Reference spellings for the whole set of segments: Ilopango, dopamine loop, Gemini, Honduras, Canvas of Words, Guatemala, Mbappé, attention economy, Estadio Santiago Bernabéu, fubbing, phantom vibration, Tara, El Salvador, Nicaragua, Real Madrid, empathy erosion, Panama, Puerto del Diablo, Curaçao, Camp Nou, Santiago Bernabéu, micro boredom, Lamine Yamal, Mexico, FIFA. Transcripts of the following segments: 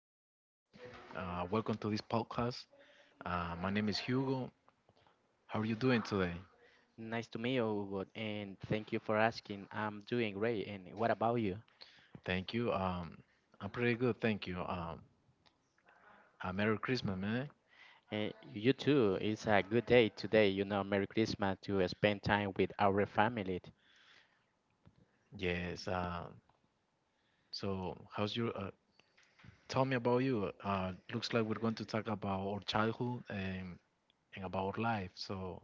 afternoon, David. Welcome to this podcast. My name is Hugo. How are you doing today? Nice to meet you, Hugo, and thank you for asking. I'm doing great, and what about you? Thank you. I'm pretty good, thank you. Merry Christmas, man. You too. It's a good day today. Merry Christmas to spend time with our family. Yes. So, how's your? Tell me about you. Looks like we're going to talk about our childhood and about our life. So,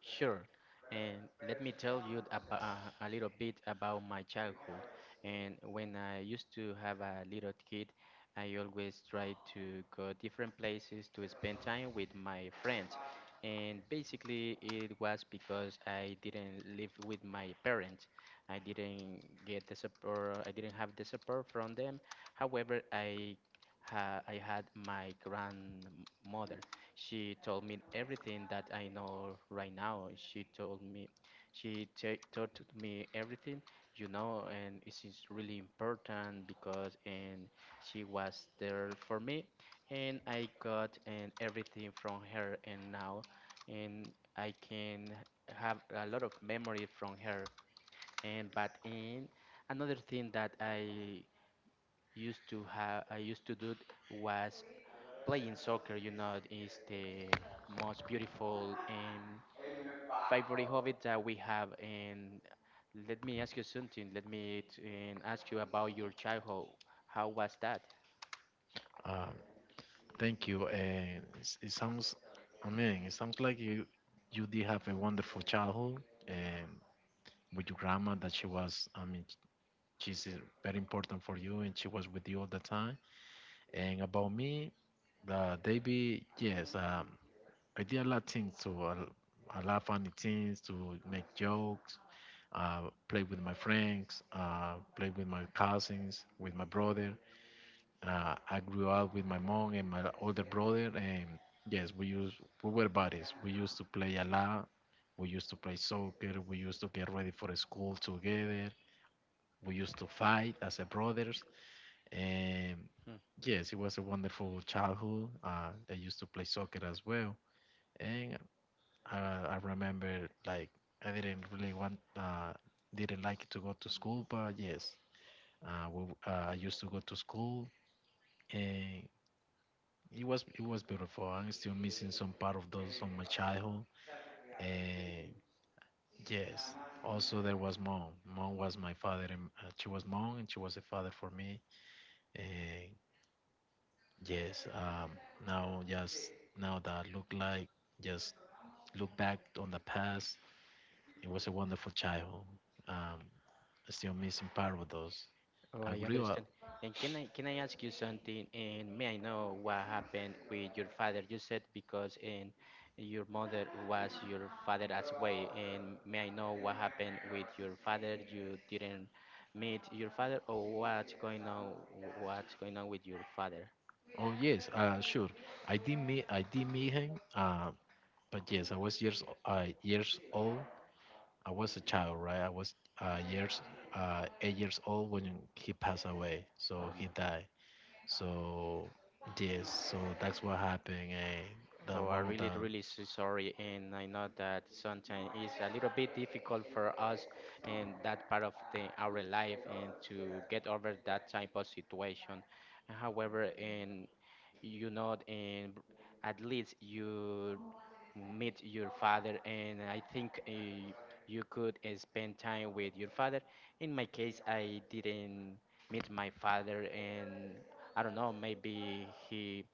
Sure. And let me tell you about, a little bit about my childhood. And when I used to have a little kid, I always tried to go different places to spend time with my friends. And basically, it was because I didn't live with my parents. I didn't get the support, I didn't have the support from them. However, I had my grandmother. She told me everything that I know right now. She told me, she ta taught me everything, and it is really important because and she was there for me, and I got and everything from her, and now, and I can have a lot of memory from her. And but in another thing that I used to have, I used to do was playing soccer, is the most beautiful and favorite hobby that we have. And let me ask you something. Let me and ask you about your childhood. How was that? uh, thank you. And it's- it sounds, I mean, it sounds like you did have a wonderful childhood and with your grandma that she was, I mean, she's very important for you, and she was with you all the time. And about me, Davey, yes, I did a lot of things to a lot of funny things, to make jokes, play with my friends, play with my cousins, with my brother. I grew up with my mom and my older brother, and yes, we were buddies. We used to play a lot. We used to play soccer. We used to get ready for school together. We used to fight as a brothers. And Hmm. yes, it was a wonderful childhood. I used to play soccer as well, and I remember like I didn't really want, didn't like to go to school, but yes, I used to go to school, and it was beautiful. I'm still missing some part of those from my childhood, and yes. Also, there was mom. Mom was my father, and she was mom, and she was a father for me. And yes, now just now that I look like just look back on the past, it was a wonderful childhood. Um, still missing part of those. Oh, I I grew up. understand. And can I ask you something? And may I know what happened with your father? You said because and your mother was your father as well. And may I know what happened with your father? You didn't meet your father, or what's going on? What's going on with your father? Oh yes, sure. I did meet him. But yes, I was years years old. I was a child, right? I was years 8 years old when he passed away. So Oh he my God. died. So yes, so that's what happened, and that Oh, I one of really, the really so sorry, and I know that sometimes it's a little bit difficult for us in that part of the, our life and to get over that type of situation. However, in you know, in at least you meet your father, and I think you could spend time with your father. In my case, I didn't meet my father, and I don't know, maybe he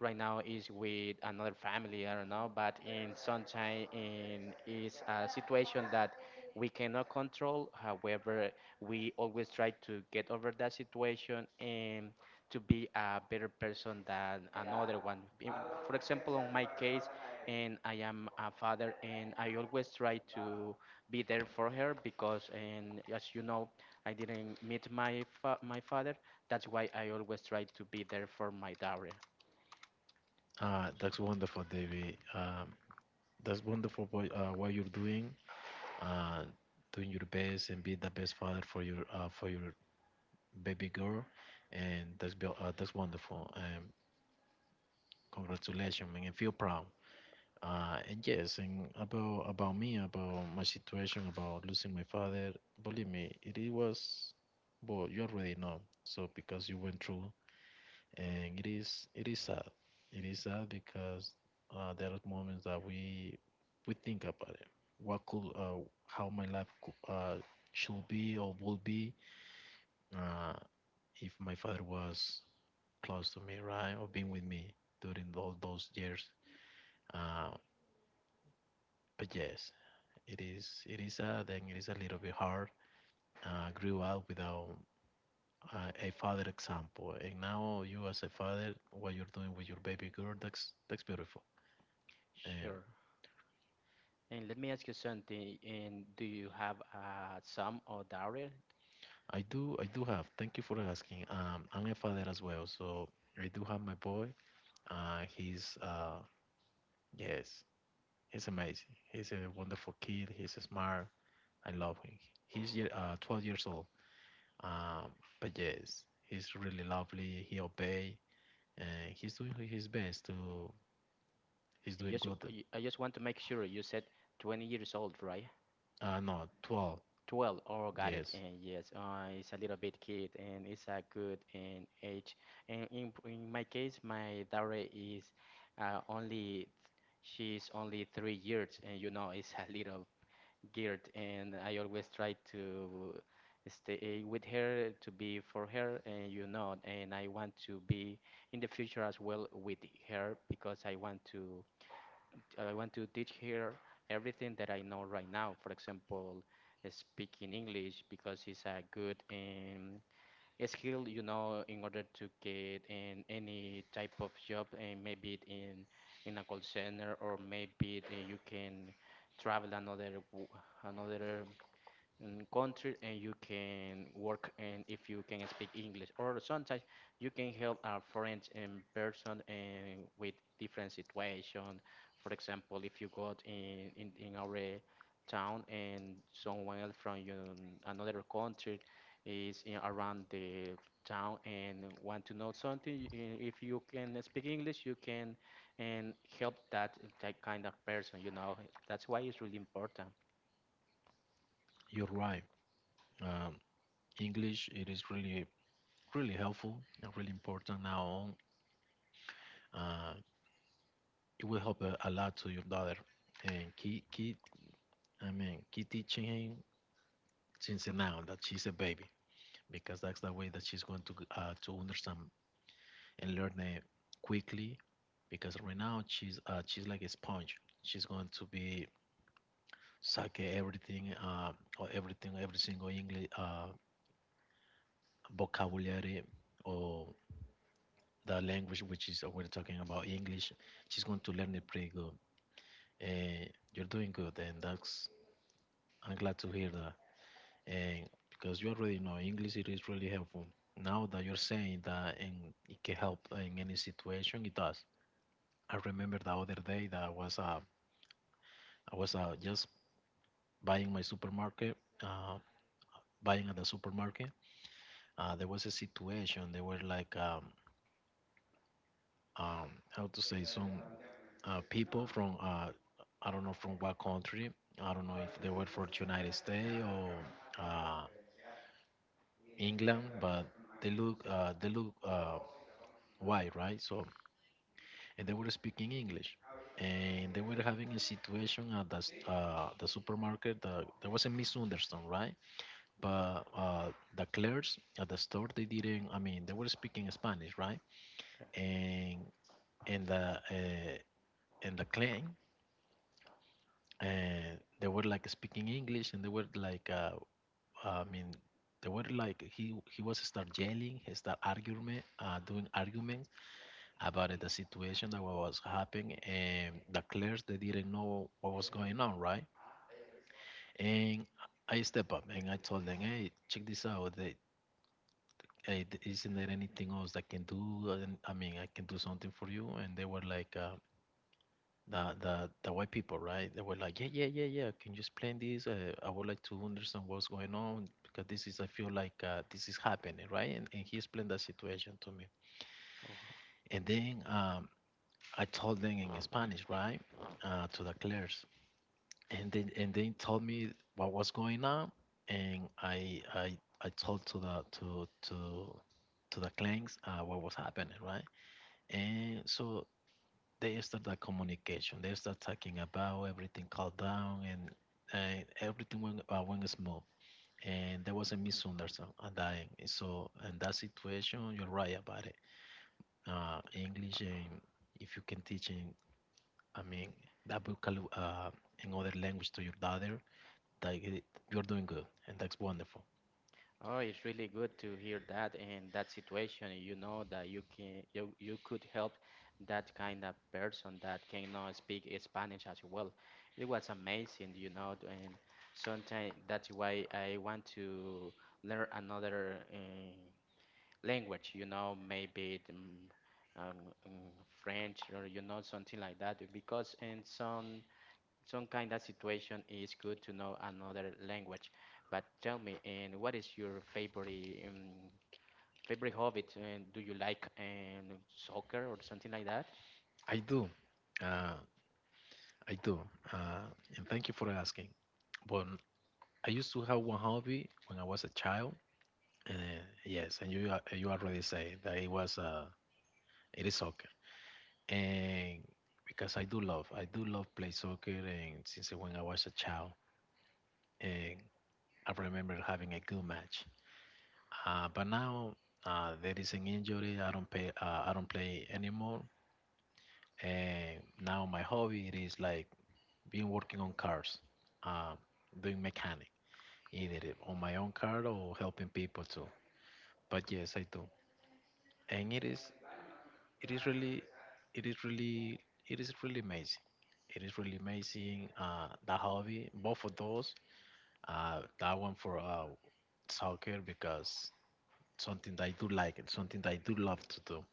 right now is with another family I don't know but in sunshine in is a situation that we cannot control however we always try to get over that situation and to be a better person than another one. For example on my case and I am a father and I always try to be there for her because and as you know I didn't meet my father that's why I always try to be there for my daughter. That's wonderful, David. That's wonderful what what you're doing, uh, doing your best and be the best father for your baby girl, and that's wonderful. Congratulations, man, and feel proud. And yes, and about me, about my situation, about losing my father. Believe me, it was. Well, you already know. So because you went through, and it is sad. It is sad because there are moments that we think about it. What could how my life could, should be or would be uh, if my father was close to me, right, or being with me during all those years. Uh, but yes. It is a then it is a little bit hard. Grew up without a father example, and now you as a father, what you're doing with your baby girl, that's beautiful. Um, Sure. And let me ask you something. And do you have a son or daughter? I do have. Thank you for asking. I'm a father as well, so I do have my boy. He's yes, he's amazing. He's a wonderful kid. He's smart. I love him. He's 12 years old. Um, but yes, he's really lovely. He obey. Uh, he's doing his best to. He's And doing just, good. I just want to make sure you said 20 years old, right? No, 12. 12. Oh, got it. Yes, And yes, it's a little bit kid, and it's a good and age. And in my case, my daughter is only she's only 3 years, and it's a little geared, and I always try to stay with her, to be for her, and and I want to be in the future as well with her because I want to teach her everything that I know right now. For example, speaking English because it's a good skill, in order to get in any type of job, and maybe it in a call center or maybe it, you can travel another another country and you can work and if you can speak English or sometimes you can help a friend in person and with different situation for example if you got in our town and someone else from your, another country is in, around the town and want to know something if you can speak English you can and help that kind of person you know that's why it's really important. you're right. Um, English, it is really, really helpful and really important now on. Uh, it will help a lot to your daughter. And keep, keep, I mean, keep teaching him since now that she's a baby, because that's the way that she's going to understand and learn it quickly. Because right now she's like a sponge. She's going to be sake everything, or everything, every single English vocabulary or the language, which is we're talking about English. She's going to learn it pretty good, and you're doing good, and that's I'm glad to hear that. And because you already know English, it is really helpful. Now that you're saying that, and it can help in any situation, it does. I remember the other day that I was just buying my supermarket, uh, buying at the supermarket, there was a situation. They were like how to say some people from I don't know from what country. I don't know if they were for United States or uh, England, but they look white, right? So and they were speaking English, and they were having a situation at the supermarket. There was a misunderstanding, right? But the clerks at the store they didn't. I mean, they were speaking Spanish, right? And in the uh, in the clan and they were like speaking English, and they were like I mean they were like he was start yelling, he start argument, doing arguments about the situation that was happening, and the clerks they didn't know what was going on, right? And I step up and I told them, hey, check this out, they. Hey, isn't there anything else I can do? And I mean, I can do something for you. And they were like, the, the white people, right? They were like, yeah, yeah, yeah, yeah. Can you explain this? I would like to understand what's going on because this is, I feel like this is happening, right? And he explained that situation to me. And then I told them in Spanish, right, to the clerks. And then and they told me what was going on, and I told to the to the clanks what was happening, right? And so they start that communication. They start talking about everything, calmed down, and everything went, went smooth. And there was a misunderstanding. And I, so in that situation, you're right about it. English, if you can teach in, I mean, that vocal in other language to your daughter, that it, you're doing good, and that's wonderful. Oh, it's really good to hear that in that situation. You know that you could help that kind of person that cannot speak Spanish as well. It was amazing, and sometimes that's why I want to learn another language, maybe the, mm, French or something like that because in some kind of situation is good to know another language. But tell me, and what is your favorite hobby? And do you like soccer or something like that? I do, uh, I do, uh, and thank you for asking. But I used to have one hobby when I was a child. Yes, and you already say that it was it is soccer, and because I do love play soccer, and since when I was a child, and I remember having a good match. But now there is an injury. I don't play anymore, and now my hobby it is like being working on cars, uh, doing mechanic, either on my own car or helping people too. But yes, I do, and it is really it is really it is really amazing, that hobby, both of those, that one for soccer because something that I do like and something that I do love to do,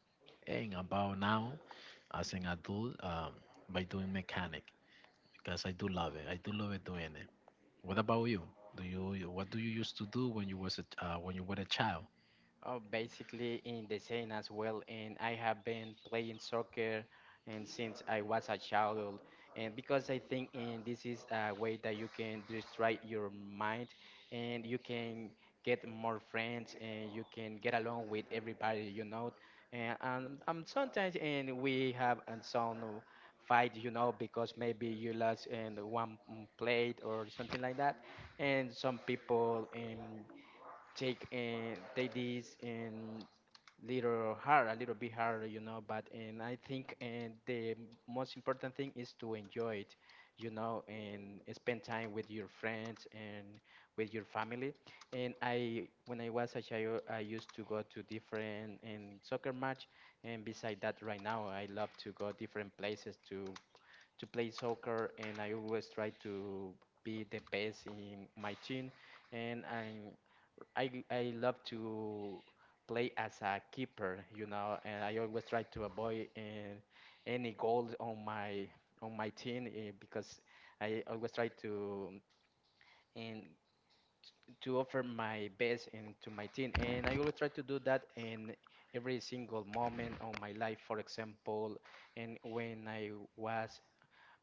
and about now as an adult, by doing mechanic because I do love it doing it. What about you? Do you, what do you used to do when you was a when you were a child? Oh, basically in the same as well, and I have been playing soccer and since I was a child, and because I think and this is a way that you can distract your mind, and you can get more friends, and you can get along with everybody, and sometimes and we have and some fight, because maybe you lost in one plate or something like that, and some people take and take this and little hard, a little bit harder. But and I think and the most important thing is to enjoy it, and spend time with your friends and with your family. And I, when I was a child, I used to go to different and soccer match. And beside that, right now, I love to go different places to play soccer. And I always try to be the best in my team and I love to play as a keeper, and I always try to avoid any goals on my team because I always try to and to offer my best and to my team, and I always try to do that in every single moment of my life. For example, and when I was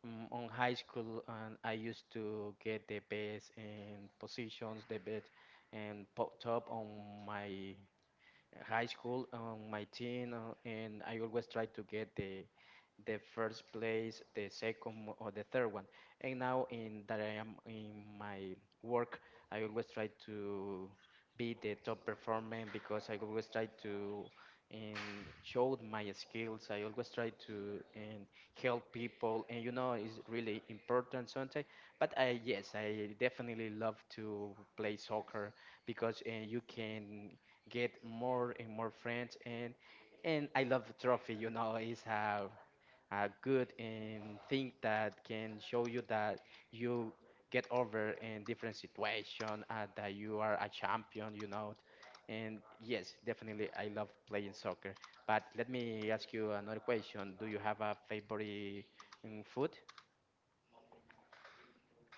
on high school, and I used to get the best in positions, the best and top on my high school on my team, and I always try to get the first place, the second or the third one. And now in that I am in my work, I always try to be the top performer because I always try to and show my skills. I always try to and help people, and you know it's really important sometimes. But I yes, I definitely love to play soccer because you can get more and more friends and I love trophy. It's a good and thing that can show you that you get over in different situation that you are a champion, and yes definitely I love playing soccer, but let me ask you another question. Do you have a favorite food?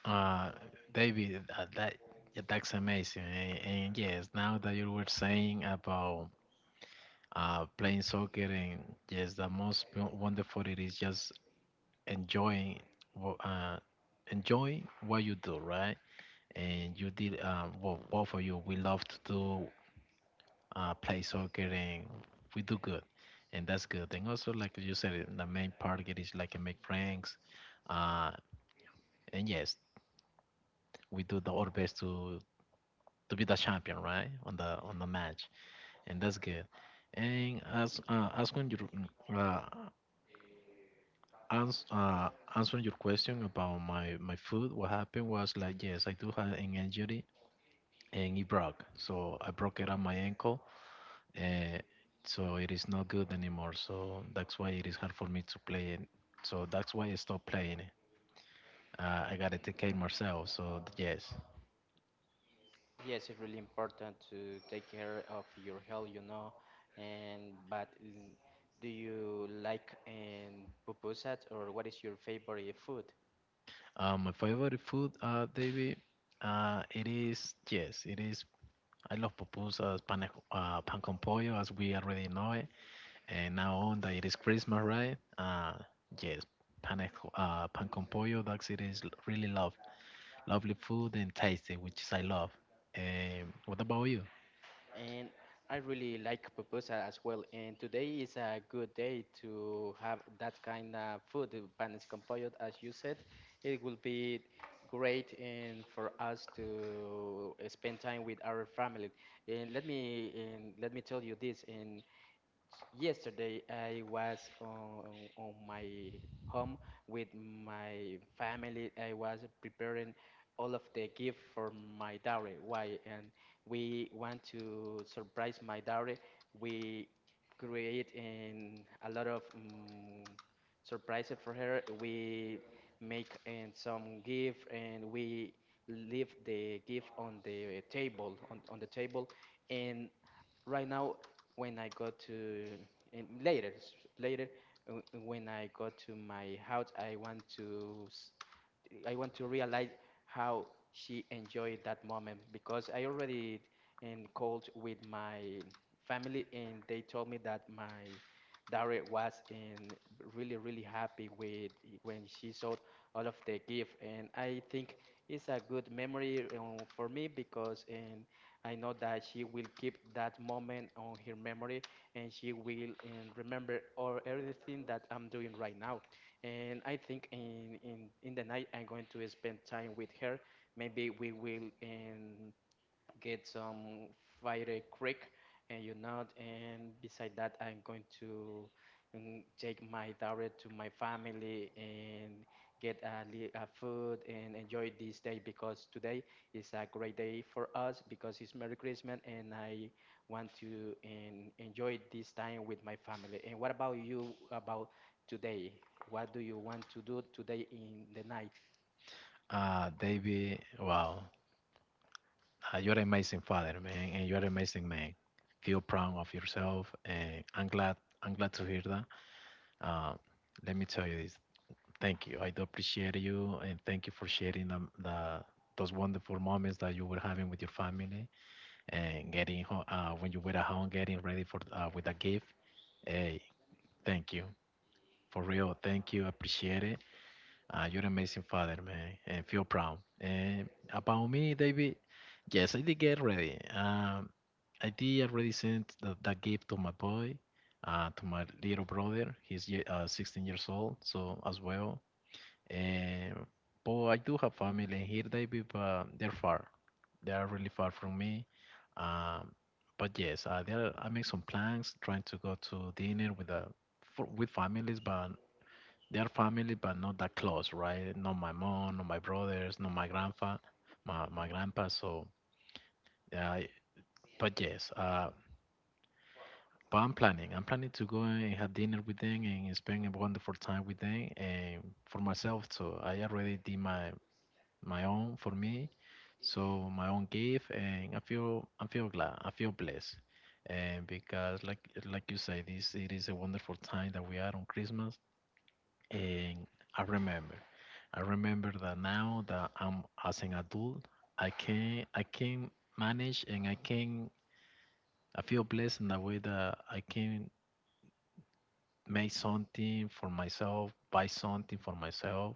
Uh, David, that yeah, that's amazing. And yes, now that you were saying about playing soccer, and yes, the most wonderful it is just enjoying, wha- uh, enjoy what you do, right? And you did well, both of you. We love to do play soccer, and we do good, and that's good. And also, like you said, the main part it is like make friends, uh, and yes, we do the our best to be the champion, right? On the match, and that's good. And as when you uh, ans uh, answering your question about my foot, what happened was like yes, I do have an injury and it broke. So I broke Yeah. it on my ankle, uh, so it is not good anymore. So that's why it is hard for me to play it. So that's why I stopped playing it. I gotta take care of myself. So yes, Yes, it's really important to take care of your health. And but do you like and pupusas or what is your favorite food? My favorite food, David. It is yes, it is I love pupusas, pan, pan con pollo, as we already know it. And now on that it is Christmas, right? Yes, pan, pan con pollo, that's it is really love. Lovely food and tasty, which is I love. What about you? And I really like pupusa as well. And today is a good day to have that kind of food, panes con pollo, as you said. It will be great and for us to spend time with our family. And let me tell you this. And yesterday, I was on my home with my family. I was preparing all of the gift for my dowry. Why? And we want to surprise my dowry. We create in a lot of surprises for her. We make and some gift and we leave the gift on the table and right now when I go to in later later when I go to my house I want to realize how she enjoyed that moment because I already in called with my family and they told me that my daughter was in really really happy with when she saw all of the gift and I think it's a good memory for me because and I know that she will keep that moment on her memory and she will remember all everything that I'm doing right now. And I think in the night I'm going to spend time with her. Maybe we will get some fire Creek and you know and beside that I'm going to take my daughter to my family and get a food and enjoy this day because today is a great day for us because it's Merry Christmas and I want to enjoy this time with my family. And what about you about today? What do you want to do today in the night? David, wow, you're an amazing father, man, and you're an amazing man. Feel proud of yourself, and I'm glad to hear that. Uh, let me tell you this. Thank you. I do appreciate you, and thank you for sharing the those wonderful moments that you were having with your family and getting home when you were at home, getting ready for with a gift. Hey, thank you for real. Thank you. Appreciate it. You're an amazing father, man, and feel proud. And about me, David, yes, I did get ready. I did already send the gift to my boy, to my little brother. He's 16 years old, so as well uh, but I do have family here, David, but they're far. They are really far from me. Um, but yes, there I make some plans, trying to go to dinner with with families, but they are family, but not that close, right? Not my mom, not my brothers, not my grandpa, my grandpa. So yeah, but yes, but I'm planning. I'm planning to go and have dinner with them and spend a wonderful time with them and for myself. So I already did my own for me. So my own gift, and I feel glad, I feel blessed, and because like you say, this it is a wonderful time that we are on Christmas, and I remember, I remember that now that I'm as an adult, I can manage and I can I feel blessed in the way that I can make something for myself, buy something for myself,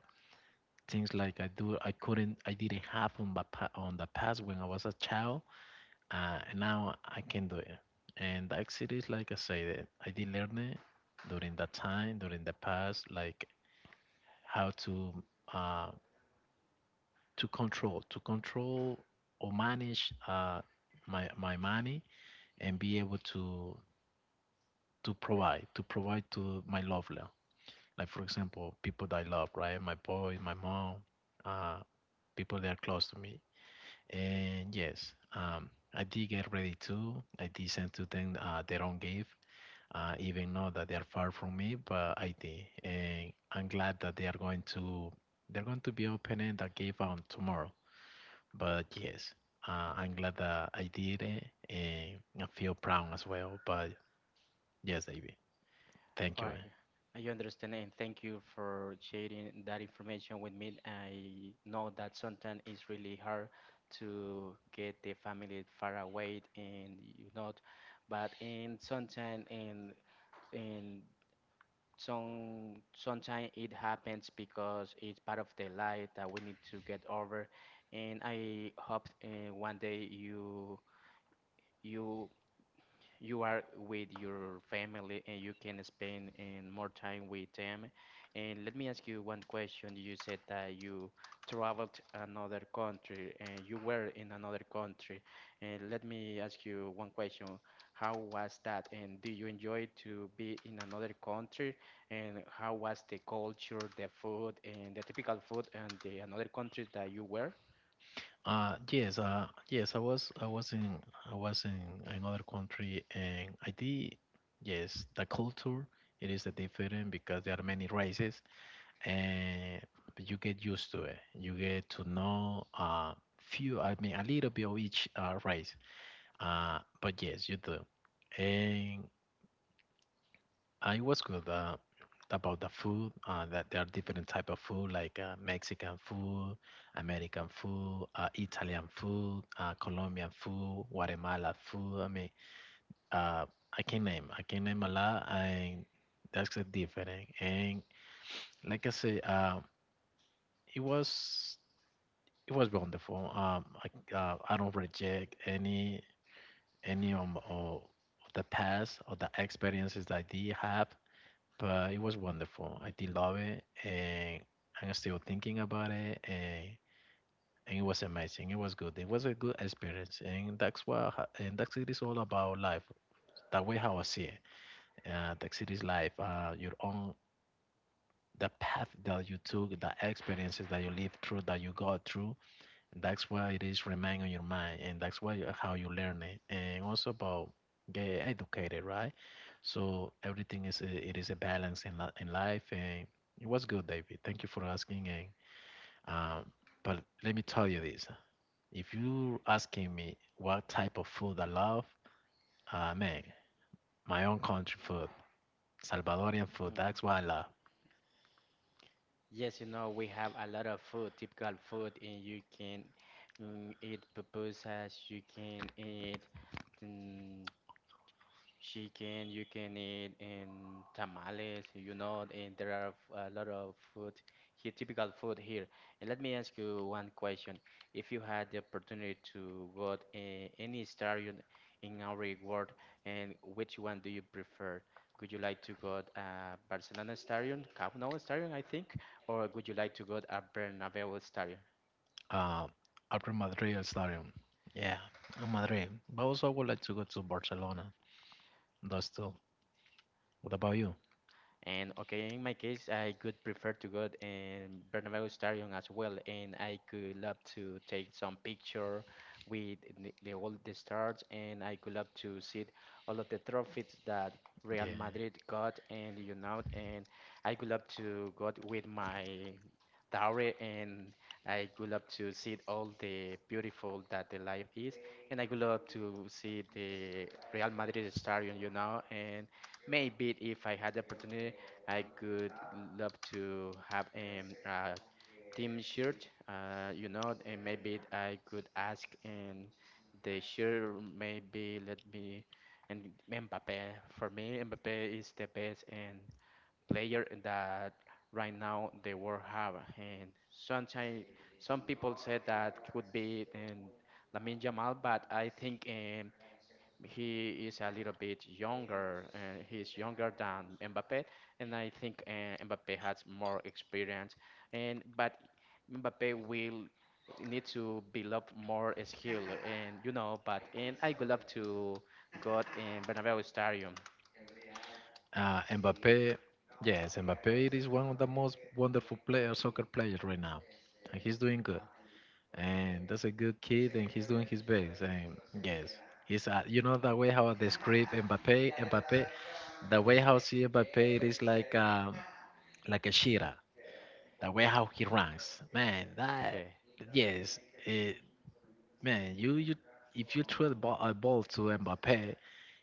things like I do I couldn't I didn't have on on the past when I was a child. And now I can do it. And actually, it's like I said, I did learn it during that time, during the past, like how uh, to control or manage my money, and be able to to provide to my lover. Like for example, people that I love, right? My boy, my mom, uh, people that are close to me. And yes, I did get ready too. I did send to them their own gift even know that they are far from me, but I did. And I'm glad that they're going to be opening the cave on tomorrow. But yes, I'm glad that I did it, and I feel proud as well. But yes, David, thank you, I man. I understand and thank you for sharing that information with me. I know that sometimes it's really hard to get the family far away but in sometimes in some sometimes it happens because it's part of the life that we need to get over. And I hope one day you you are with your family and you can spend and more time with them. And let me ask you one question. You said that you traveled another country and you were in another country. And let me ask you one question. How was that? And do you enjoy to be in another country? And how was the culture, the food, and the typical food and the another country that you were? Yes, yes, I was in another country, and I did, yes, the culture it is different because there are many races, and but you get used to it. You get to know I mean, a little bit of each race. But yes, you do. And I was good about the food. That there are different type of food, like Mexican food, American food, Italian food, Colombian food, Guatemala food. I mean, uh, I can name. I can name a lot, and that's different. And like I say, it was. It was wonderful. I don't reject any of the past or the experiences that I did have, but it was wonderful. I did love it, and I'm still thinking about it, and it was amazing. It was good. It was a good experience, and and that's it is all about life. That way how I see it. That's it is life. Your own the path that you took, the experiences that you lived through, that you got through. And that's why it is remain on your mind, and that's why how you learn it, and also about get educated, right? So everything is it is a balance in in life, and it was good, David. Thank you for asking, and um, but let me tell you this: if you asking me what type of food I love, man, my own country food, Salvadorian food. Mm. That's what I love. Yes, you know, we have a lot of food, typical food, and you can eat pupusas, you can eat, mm, chicken, you can eat in tamales, you know, and there are a lot of food here, typical food here. And let me ask you one question. If you had the opportunity to go to any star in our world, and which one do you prefer? Would you like to go to Barcelona Stadium, Camp Nou Stadium, I think, or would you like to go to a Bernabeu Stadium? Um, I'm from Madrid, Stadium. Yeah, I'm Madrid, but also I would like to go to Barcelona. Those two. What about you? And okay, in my case, I could prefer to go in Bernabeu Stadium as well, and I could love to take some picture with all the stars, and I could love to see all of the trophies that Real Yeah. Madrid got, and you know, and I could love to go with my dowry, and I could love to see all the beautiful that the life is, and I would love to see the Real Madrid Stadium, you know, and maybe if I had the opportunity. I could love to have a team shirt. You know, and maybe I could ask, and the shirt maybe let me and Mbappe. For me, Mbappe is the best and player that right now the world have. And sometimes some people said that could be and Lamine Yamal, but I think he is a little bit younger. He's younger than Mbappe, and I think Mbappe has more experience. And but Mbappe will need to develop more skill, and you know. But and I would love to go in Bernabeu Stadium. Mbappe, yes, Mbappe it is one of the most wonderful player, soccer players right now. And he's doing good. And that's a good kid, and he's doing his best. And yes, he's, you know, the way how I describe Mbappe, the way how I see Mbappe, it is like a Shira. The way how he runs. Man, that, yes, it, Man, you if you throw a ball to Mbappe,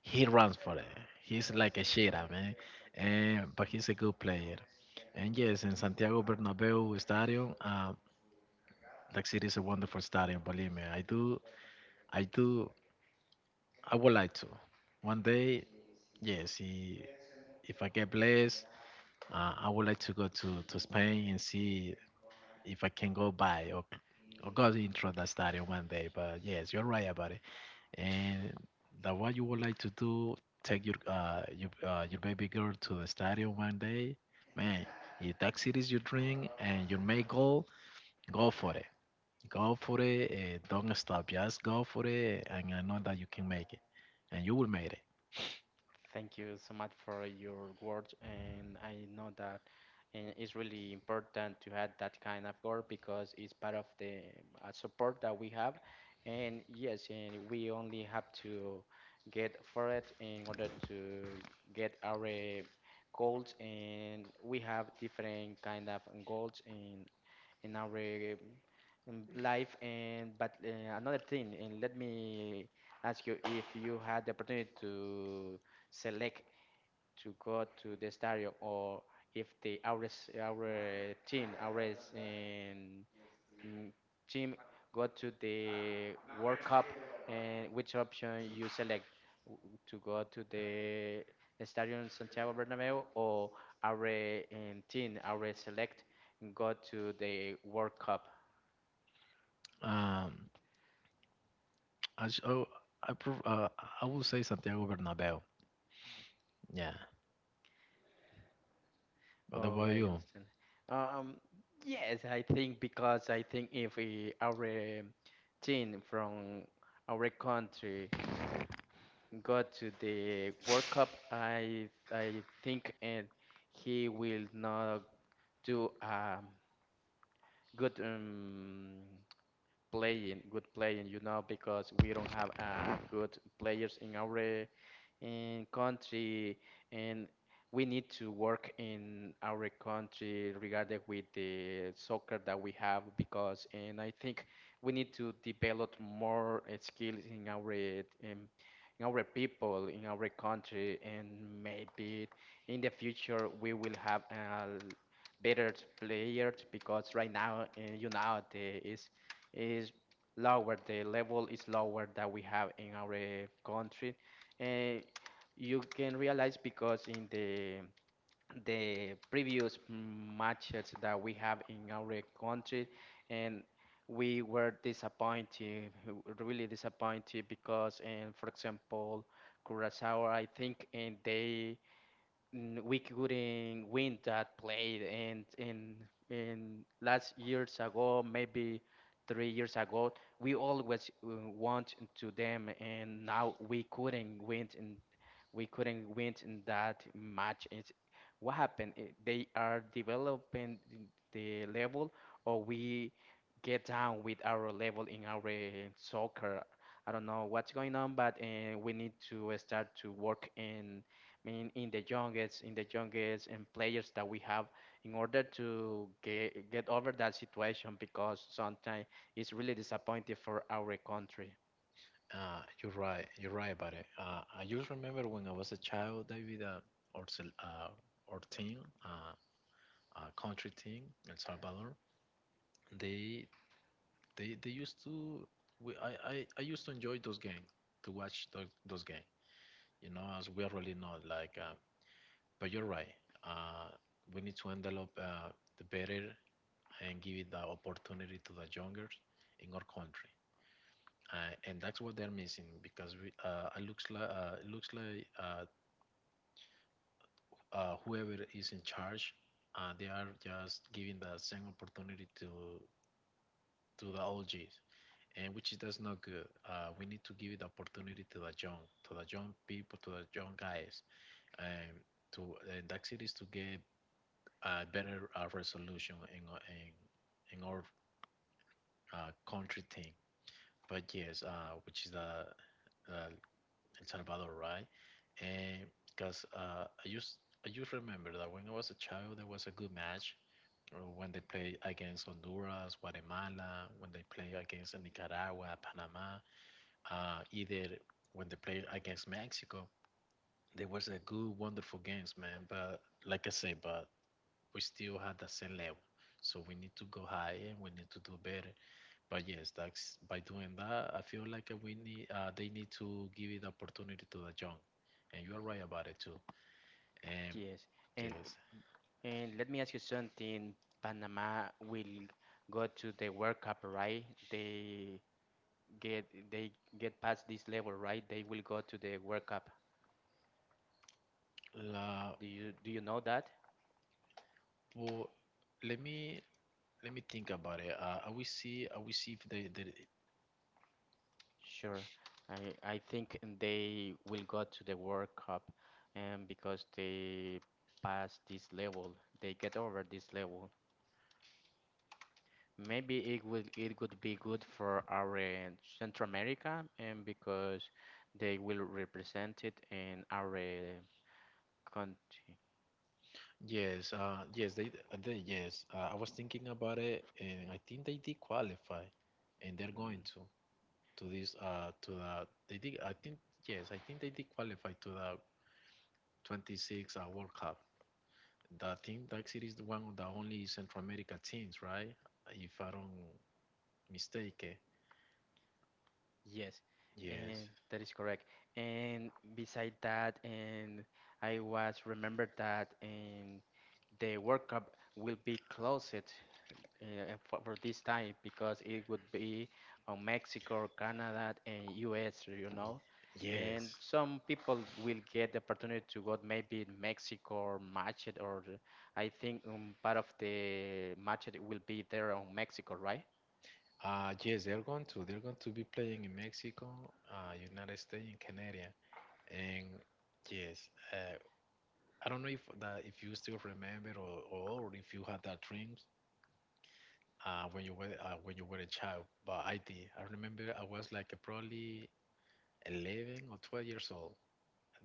he runs for it. He's like a shitter, man. And but he's a good player. And yes, in Santiago Bernabeu Stadium, that city is a wonderful stadium. Believe me, I do, I would like to. One day, yes, if I get blessed, I would like to go to Spain and see if I can go by or go into that stadium one day. But yes, you're right about it. And that what you would like to do, take your your baby girl to the stadium one day, man. If that it is your dream and your main goal, go for it. Go for it. Eh, don't stop. Just go for it, and I know that you can make it, and you will make it. Thank you so much for your words, and I know that it's really important to have that kind of goal because it's part of the support that we have. And yes, and we only have to get for it in order to get our goals. And we have different kind of goals, and in our life. And but another thing, and let me ask you if you had the opportunity to select to go to the stadium or if the our team, our mm, team go to the World Cup and which option you select to go to the Estadio Santiago Bernabéu or our team, our select and go to the World Cup. Um, I sh- oh, I prov- I will say Santiago Bernabeu. Yeah. What Oh, about I you? understand. Um, yes, I think because I think if our team from our country go to the World Cup, I think and he will not do good playing, you know, because we don't have good players in our in country and we need to work in our country regarding with the soccer that we have because and I think we need to develop more skills in our people in our country and maybe in the future we will have better players because right now the is lower the level is lower that we have in our country. Eh, you can realize because in the previous matches that we have in our country and we were disappointed really disappointed because in for example Curacao I think and we couldn't win that play and in last years ago maybe 3 years ago we always want to them and now we couldn't win in that match, it's, what happened. They are developing the level or we get down with our level in our soccer. I don't know what's going on but we need to start to work in mean in the youngest and players that we have in order to get over that situation because sometimes it's really disappointing for our country. You're right. You're right about it. I just remember when I was a child, David, or sel- uh, or team, uh, country team, El Salvador. They they used to. We, I used to enjoy those games to watch those games. You know, as we are really not like. But you're right. Uh, we need to develop the better and give it the opportunity to the younger in our country. And that's what they're missing because it looks like whoever is in charge, they are just giving the same opportunity to the OGs, and which is that's not good. We need to give it opportunity to the young people, to the young guys, and and that's it is to get a better resolution in in our country thing. But yes, which is the uh, El Salvador, right? And because I just remember that when I was a child, there was a good match when they play against Honduras, Guatemala, when they play against Nicaragua, Panama, either when they play against Mexico. There was a good, wonderful games, man. But like I say, but we still had the same level, so we need to go higher. We need to do better. But yes, that's by doing that, I feel like we need they need to give it opportunity to the young, and you are right about it too. And Yes, and yes, let me ask you something. Panama will go to the World Cup, right? They get they get past this level, right? They will go to the World Cup. la, Do you know that? well, let me let me think about it. I will see. I will see if they Sure. I think they will go to the World Cup, and because they pass this level, they get over this level. Maybe it would be good for our Central America, and because they will represent it in our country. yes, yes, they yes. I was thinking about it, and I think they did qualify, and they're Mm, going to this to the they did. I think yes, I think they did qualify to the 26 World Cup. That team, Dark City is the one of the only Central America teams, right? If I don't mistake. Eh? yes, and Yes. that is correct. And beside that, and I was remembered that in the World Cup will be closed uh, for this type because it would be on Mexico, Canada, and US, you know. And Yes. some people will get the opportunity to go maybe in Mexico or match it, or I think part of the match it will be there on Mexico, right? Yes, They're going to be playing in Mexico, United States, and Canada. And yes, uh, I don't know if that if you still remember or if you had that dreams when you were a child. But I did. I remember I was like probably 11 or 12 years old,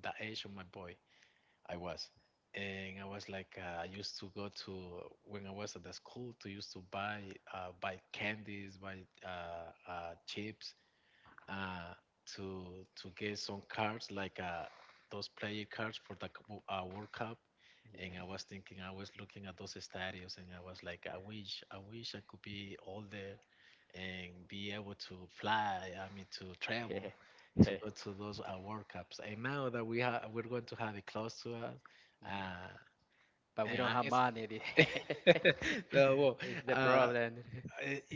that age of my boy, I was. And I was like, I used to go to, when I was at the school, to used to buy, buy candies, buy chips, uh, to get some cards, like those player cards for the World Cup. And Yeah. I was thinking, I was looking at those stadiums, and I was like, I wish, I wish I could be all there and be able to fly. I mean, to travel, to go to those World Cups. And now that we're going to have it close to us, Hmm. uh, But we and don't I have guess money. no, well, It's the uh, problem.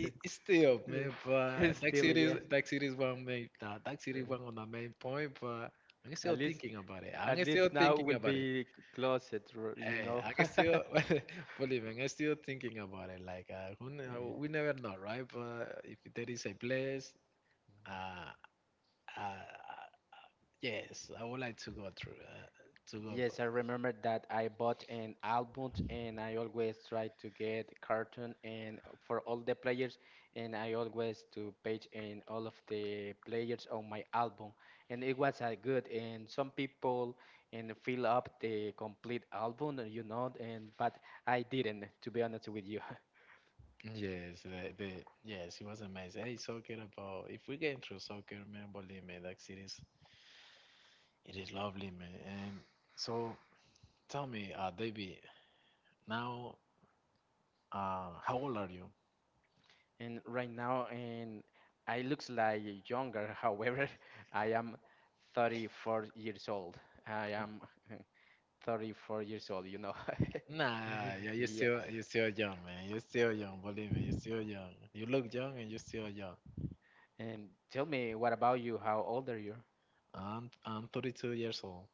it's still, man, It's but Dark still City, yes. Dark City is one main, Dark Uh, City is one on the main point, but I'm still At least thinking about it. At I'm still least now thinking will about it. be closet, r- you Hey, know. I can still believe me. I'm still thinking about it. Like, Yeah. we never know, right? But if there is a place, uh, uh, uh, yes, I would like to go through, to go. Yes, I remember that I bought an album and I always try to get cartoon and for all the players and I always to page in all of the players on my album and it was good and some people and fill up the complete album and but I didn't to be honest with you. Yes, the yes, it was amazing. Hey, soccer, about if we get into soccer, man, believe me, like it is lovely, man. And so, tell me, David, now, how old are you? And right now and I looks like younger. However, I am 34 years old. I am uh, 34 years old, you know. Nah, yeah, you're still Yes. you're still young, man. You're still young, believe me. You're still young. You look young and you're still young. And tell me, what about you? How old are you? I'm 32 years old.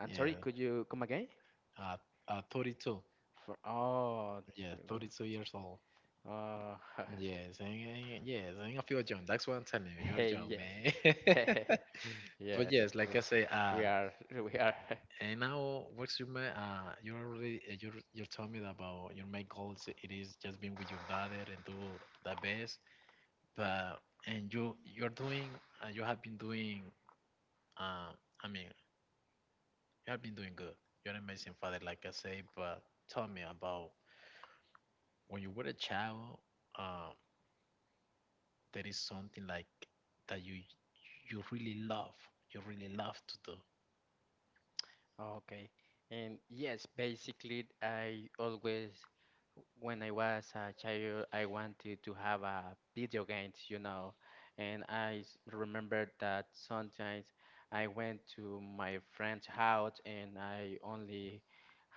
I'm sorry, Yeah, could you come again? uh, 32. For oh, Yeah, you- 32 years old. uh, Yes, and yes, and I feel young. That's what I'm telling you. You're hey, young, man. yes, But yes, yes, we like I say, we are we are and now what's your main, you told me about your main goals. It is just being with your daughter and do the best. But and you're doing, you have been doing. Uh, I mean, you have been doing good. You're an amazing father, like I say, but tell me about when you were a child, um, there is something like that you really love, you really love to do. okay. And yes, basically, I always, when I was a child, I wanted to have a video games, you know. And remember that sometimes I went to my friend's house and I only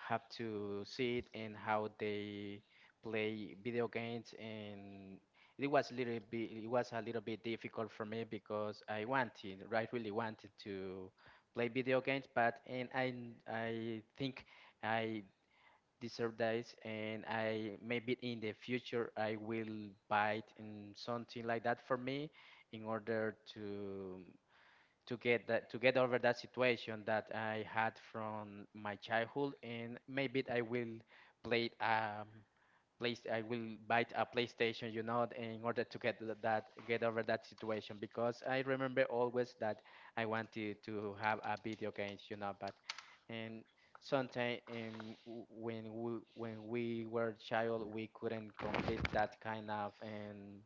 have to see it and how they play video games. And it was a little bit difficult for me because I wanted, I really wanted to play video games, but and I think I deserve this, and I maybe in the future I will buy it and something like that for me in order to get over that situation that I had from my childhood, and maybe I will play it. Place I will buy a PlayStation, you know, in order to get that get over that situation because I remember always that I wanted to have a video games, but and sometimes when we were child we couldn't complete that kind of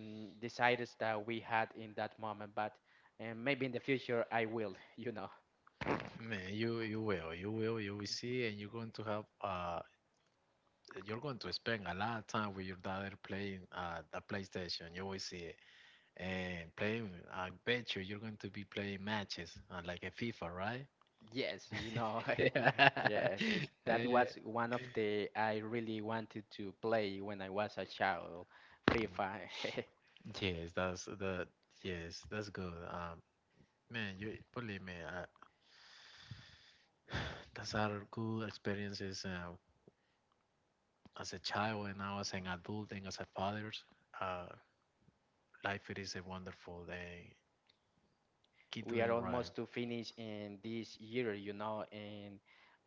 desires that we had in that moment, but maybe in the future I will, you know. Man, you will see, and you're going to have you're going to spend a lot of time with your daughter playing the PlayStation. You will see it, and playing. I bet you're going to be playing matches like a FIFA, right? Yes, Yeah. yeah, that Eh, was one of the I really wanted to play when I was a child, FIFA. Yes, that's that. Yes, that's good. Man, you believe me, those are good experiences. As a child and now as an adult and as a father, uh, life, it is a wonderful thing. Keep We are doing right, almost to finish in this year and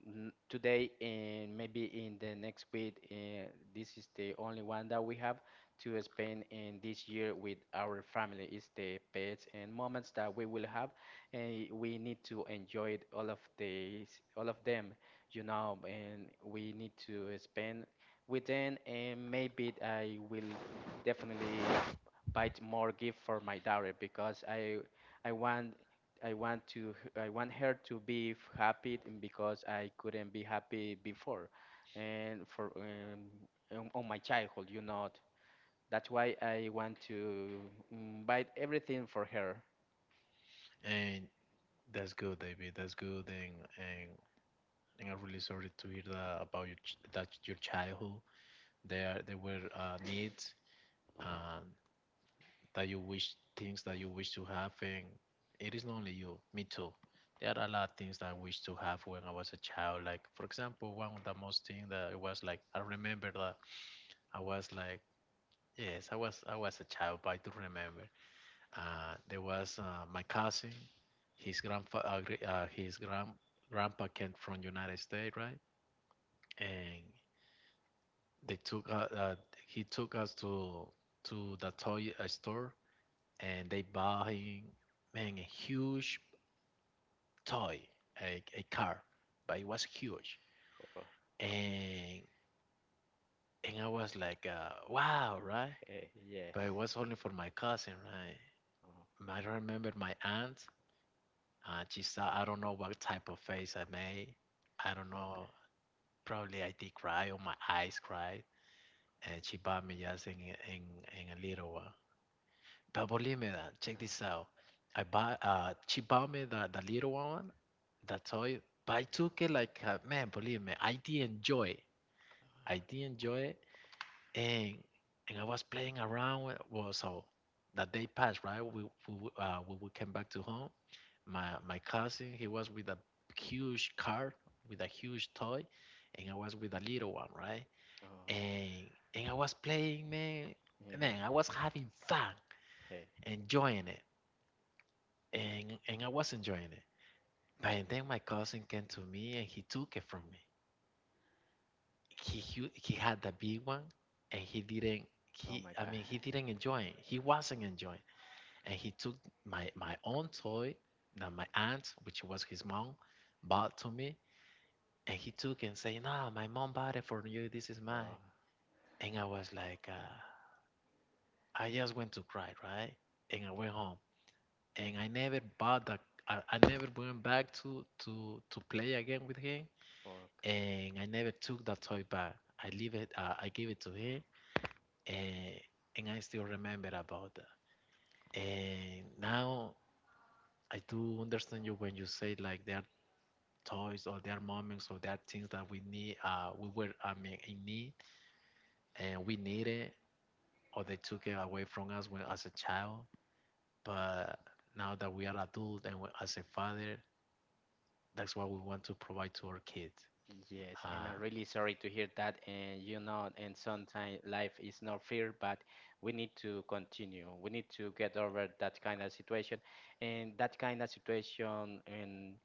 today and maybe in the next week this is the only one that we have to spend in this year with our family is the pets and moments that we will have and we need to enjoy it, all of these all of them, and we need to spend with them and maybe I will definitely buy more gift for my daughter because I want I want to I want her to be happy and because I couldn't be happy before and for on my childhood that's why I want to invite everything for her. and that's good, David. That's good, and I'm really sorry to hear that about your that your childhood. There were needs, um, that you wish, things that you wish to have, and it is not only you, me too. There are a lot of things that I wish to have when I was a child. Like, for example, one of the most thing that it was like, I remember that I was like, yes, I was a child, but I do remember. There was My cousin, his grandpa came from United States, right? And they took he took us to the toy store, and they bought him, man, a huge toy, a car, but it was huge. Oh, And I was like, wow, right? hey, yes. But it was only for my cousin, right? Oh, I remember my aunt. She saw, I don't know what type of face I made. I don't okay. know. Probably I did cry, or my eyes cried, and she bought me just in a little one. But believe me, that, check Oh, this out. I bought. She bought me the little one, the toy. But I took it like, man, believe me, I did enjoy it. I did enjoy it, and I was playing around Well, so that day passed, right? We came back to home. My cousin, he was with a huge car with a huge toy, and I was with a little one, right? oh, And I was playing, man. yeah, yeah. Man, I was having fun, Hey. enjoying it, and I was enjoying it. But then my cousin came to me and he took it from me. He had the big one, and he didn't Oh he my I god. mean, he didn't enjoy it. He wasn't enjoying. And he took my own toy that my aunt, which was his mom, bought to me. And he took and say, "No, my mom bought it for you. This is mine." And I was like, I just went to cry, right? And I went home. And I never bought the. I never went back to play again with him, Oh, okay. and I never took that toy back. I leave it. I gave it to her, and I still remember about that. And now I do understand you when you say like there are toys, or there are moments, or there are things that we need. We were, I mean, in need, and we need it, or they took it away from us when, as a child. But now that we are adults and we, as a father, that's what we want to provide to our kids. Yes, and Uh, I'm really sorry to hear that. And and sometimes life is not fair, but we need to continue. We need to get over that kind of situation. And that kind of situation, and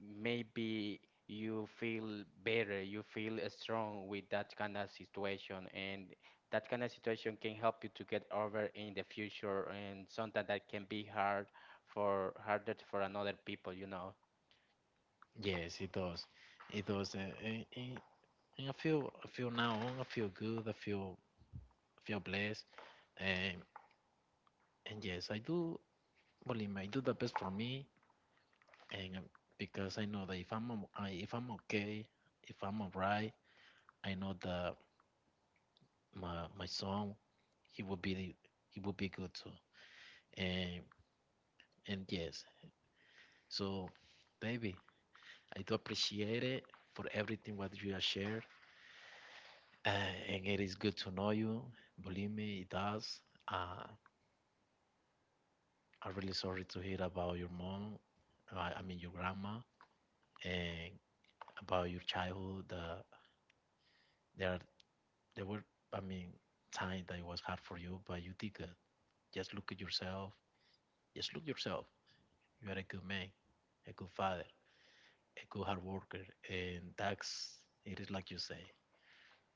maybe you feel better, you feel strong with that kind of situation. And that kind of situation can help you to get over in the future. And sometimes that can be harder for another people. Yes, it does. It does. And I feel, I feel now on, I feel good, I feel blessed. And yes, I do, believe me, I do the best for me, and because I know that if I'm okay, if I'm alright, I know that my son, he will be the- he will be good too. And yes. So baby, I do appreciate it for everything what you have shared. Uh, and it is good to know you. Believe me, it does. Uh, I'm really sorry to hear about your mom, I mean your grandma, and about your childhood. There, are, there were, I mean, times that it was hard for you, but you did good. Just look at yourself. Just look yourself. You are a good man, a good father, a good hard worker, and that's it is like you say.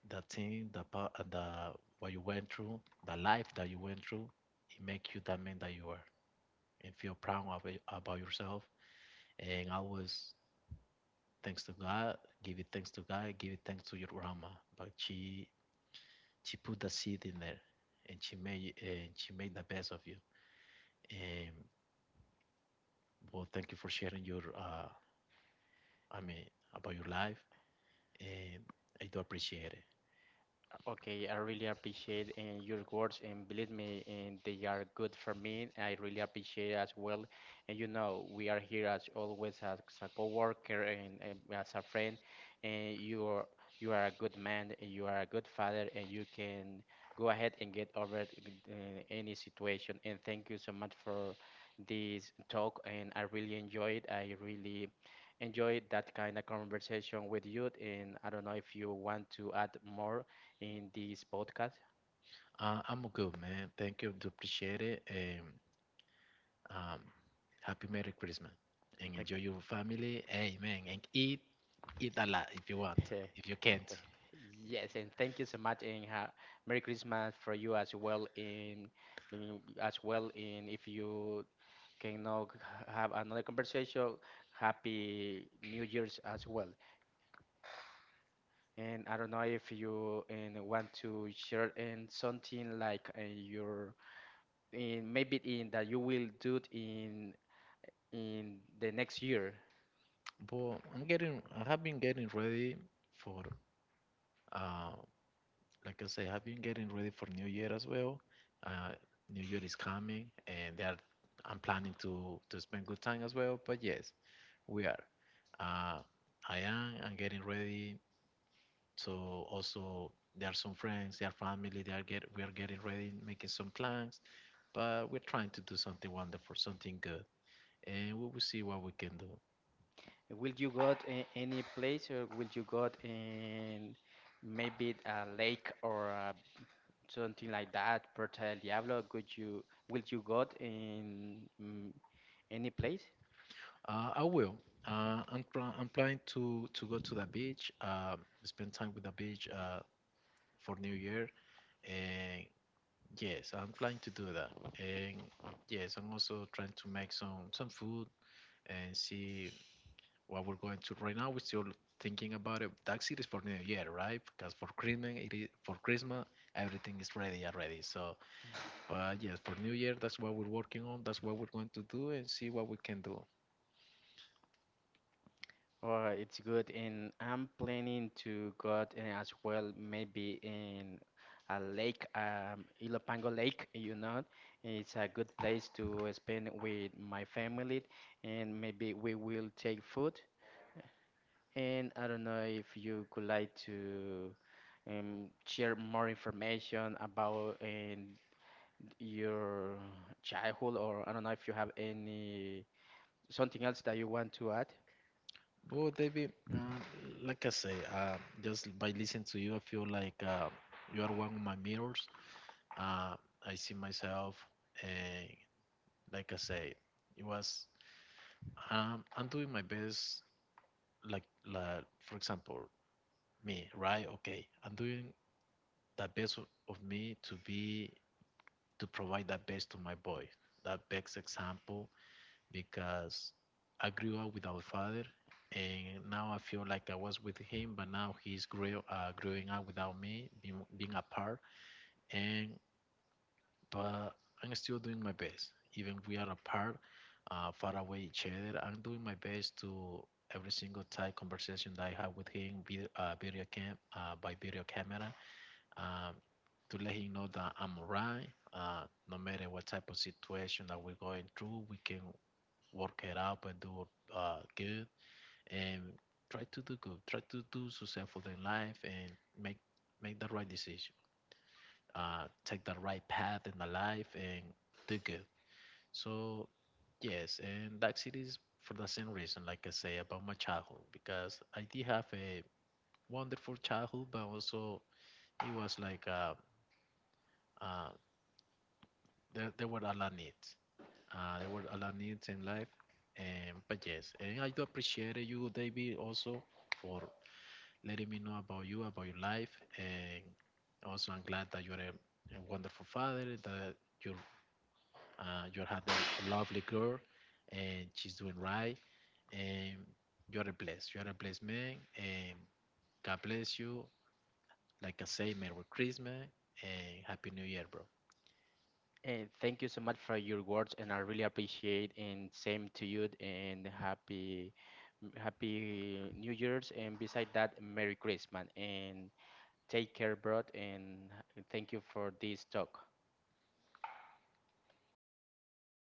The what you went through, the life that you went through, it makes you the man that you are, and feel proud about yourself, and always thanks to God, give it thanks to God, give it thanks to your grandma. But she put the seed in there, and she made the best of you. And well, thank you for sharing your I mean about your life, and I do appreciate it. Okay, I really appreciate your words, and believe me, and they are good for me. I really appreciate as well. And we are here as always as a coworker and as a friend. And you are a good man, and you are a good father, and you can go ahead and get over it, uh, any situation. And thank you so much for this talk. And I really enjoyed. I really enjoyed that kind of conversation with you. And I don't know if you want to add more in this podcast. I'm good, man. Thank you, do appreciate it, and um, happy Merry Christmas, and Like, enjoy your family, amen, and eat a lot if you want, if you can't. yes, and thank you so much, and Merry Christmas for you as well. In as well, in if you can now have another conversation, Happy New Year's as well. And I don't know if you and want to share in something like your in maybe in that you will do it in the next year. But I'm getting, I have been getting ready for. Uh, like I say, I've been getting ready for New Year as well. Uh, New Year is coming, and they are, I'm planning to spend good time as well. But yes, we are. Uh, I am. I'm getting ready. So also, there are some friends, their family. They are get. We are getting ready, making some plans. But we're trying to do something wonderful, something good, and we will see what we can do. Will you go to any place or will you go in maybe a lake or something like that, Puerto del Diablo? Could you Will you go in any place? I will. I'm, I'm planning to go to the beach. Spend time with the beach. For New Year. And yes, I'm planning to do that. And yes, I'm also trying to make some food and see what we're going to. Right now, we're still thinking about it. Taxi is for New Year, right? Because for Christmas, it is for Christmas, everything is ready already. So, but yes, for New Year, that's what we're working on. That's what we're going to do and see what we can do. Or it's good and I'm planning to go as well maybe in a lake, Ilopango Lake. It's a good place to spend with my family and maybe we will take food. And I don't know if you could like to share more information about your childhood, or I don't know if you have any something else that you want to add. Well, David, like I say, just by listening to you, I feel like you are one of my mirrors. Uh, I see myself, and like I say, it was, I'm doing my best. Like, like for example, me, right? Okay, I'm doing the best of me to be to provide that best to my boy, that best example, because I grew up without a father, and now I feel like I was with him, but now growing up without me, being apart, and but I'm still doing my best. Even we are apart, far away each other, I'm doing my best to every single type conversation that I have with him, video cam, by video camera, um, to let him know that I'm alright. No matter what type of situation that we're going through, we can work it out and do good, and try to do good, try to do successful in life, and make the right decision, take the right path in the life and do good. So yes, and that's it is for the same reason, like I say about my childhood, because I did have a wonderful childhood, but also it was like, uh, there were a lot of needs. There were a lot of needs in life, and but yes, and I do appreciate you, David, also for letting me know about you, about your life, and also I'm glad that you're a wonderful father, that you. You have a lovely girl, and she's doing right, and you are blessed. You are a blessed man, and God bless you. Like I say, Merry Christmas and Happy New Year, bro. And thank you so much for your words, and I really appreciate. And same to you, and happy New Year's, and beside that, Merry Christmas, and take care, bro, and thank you for this talk.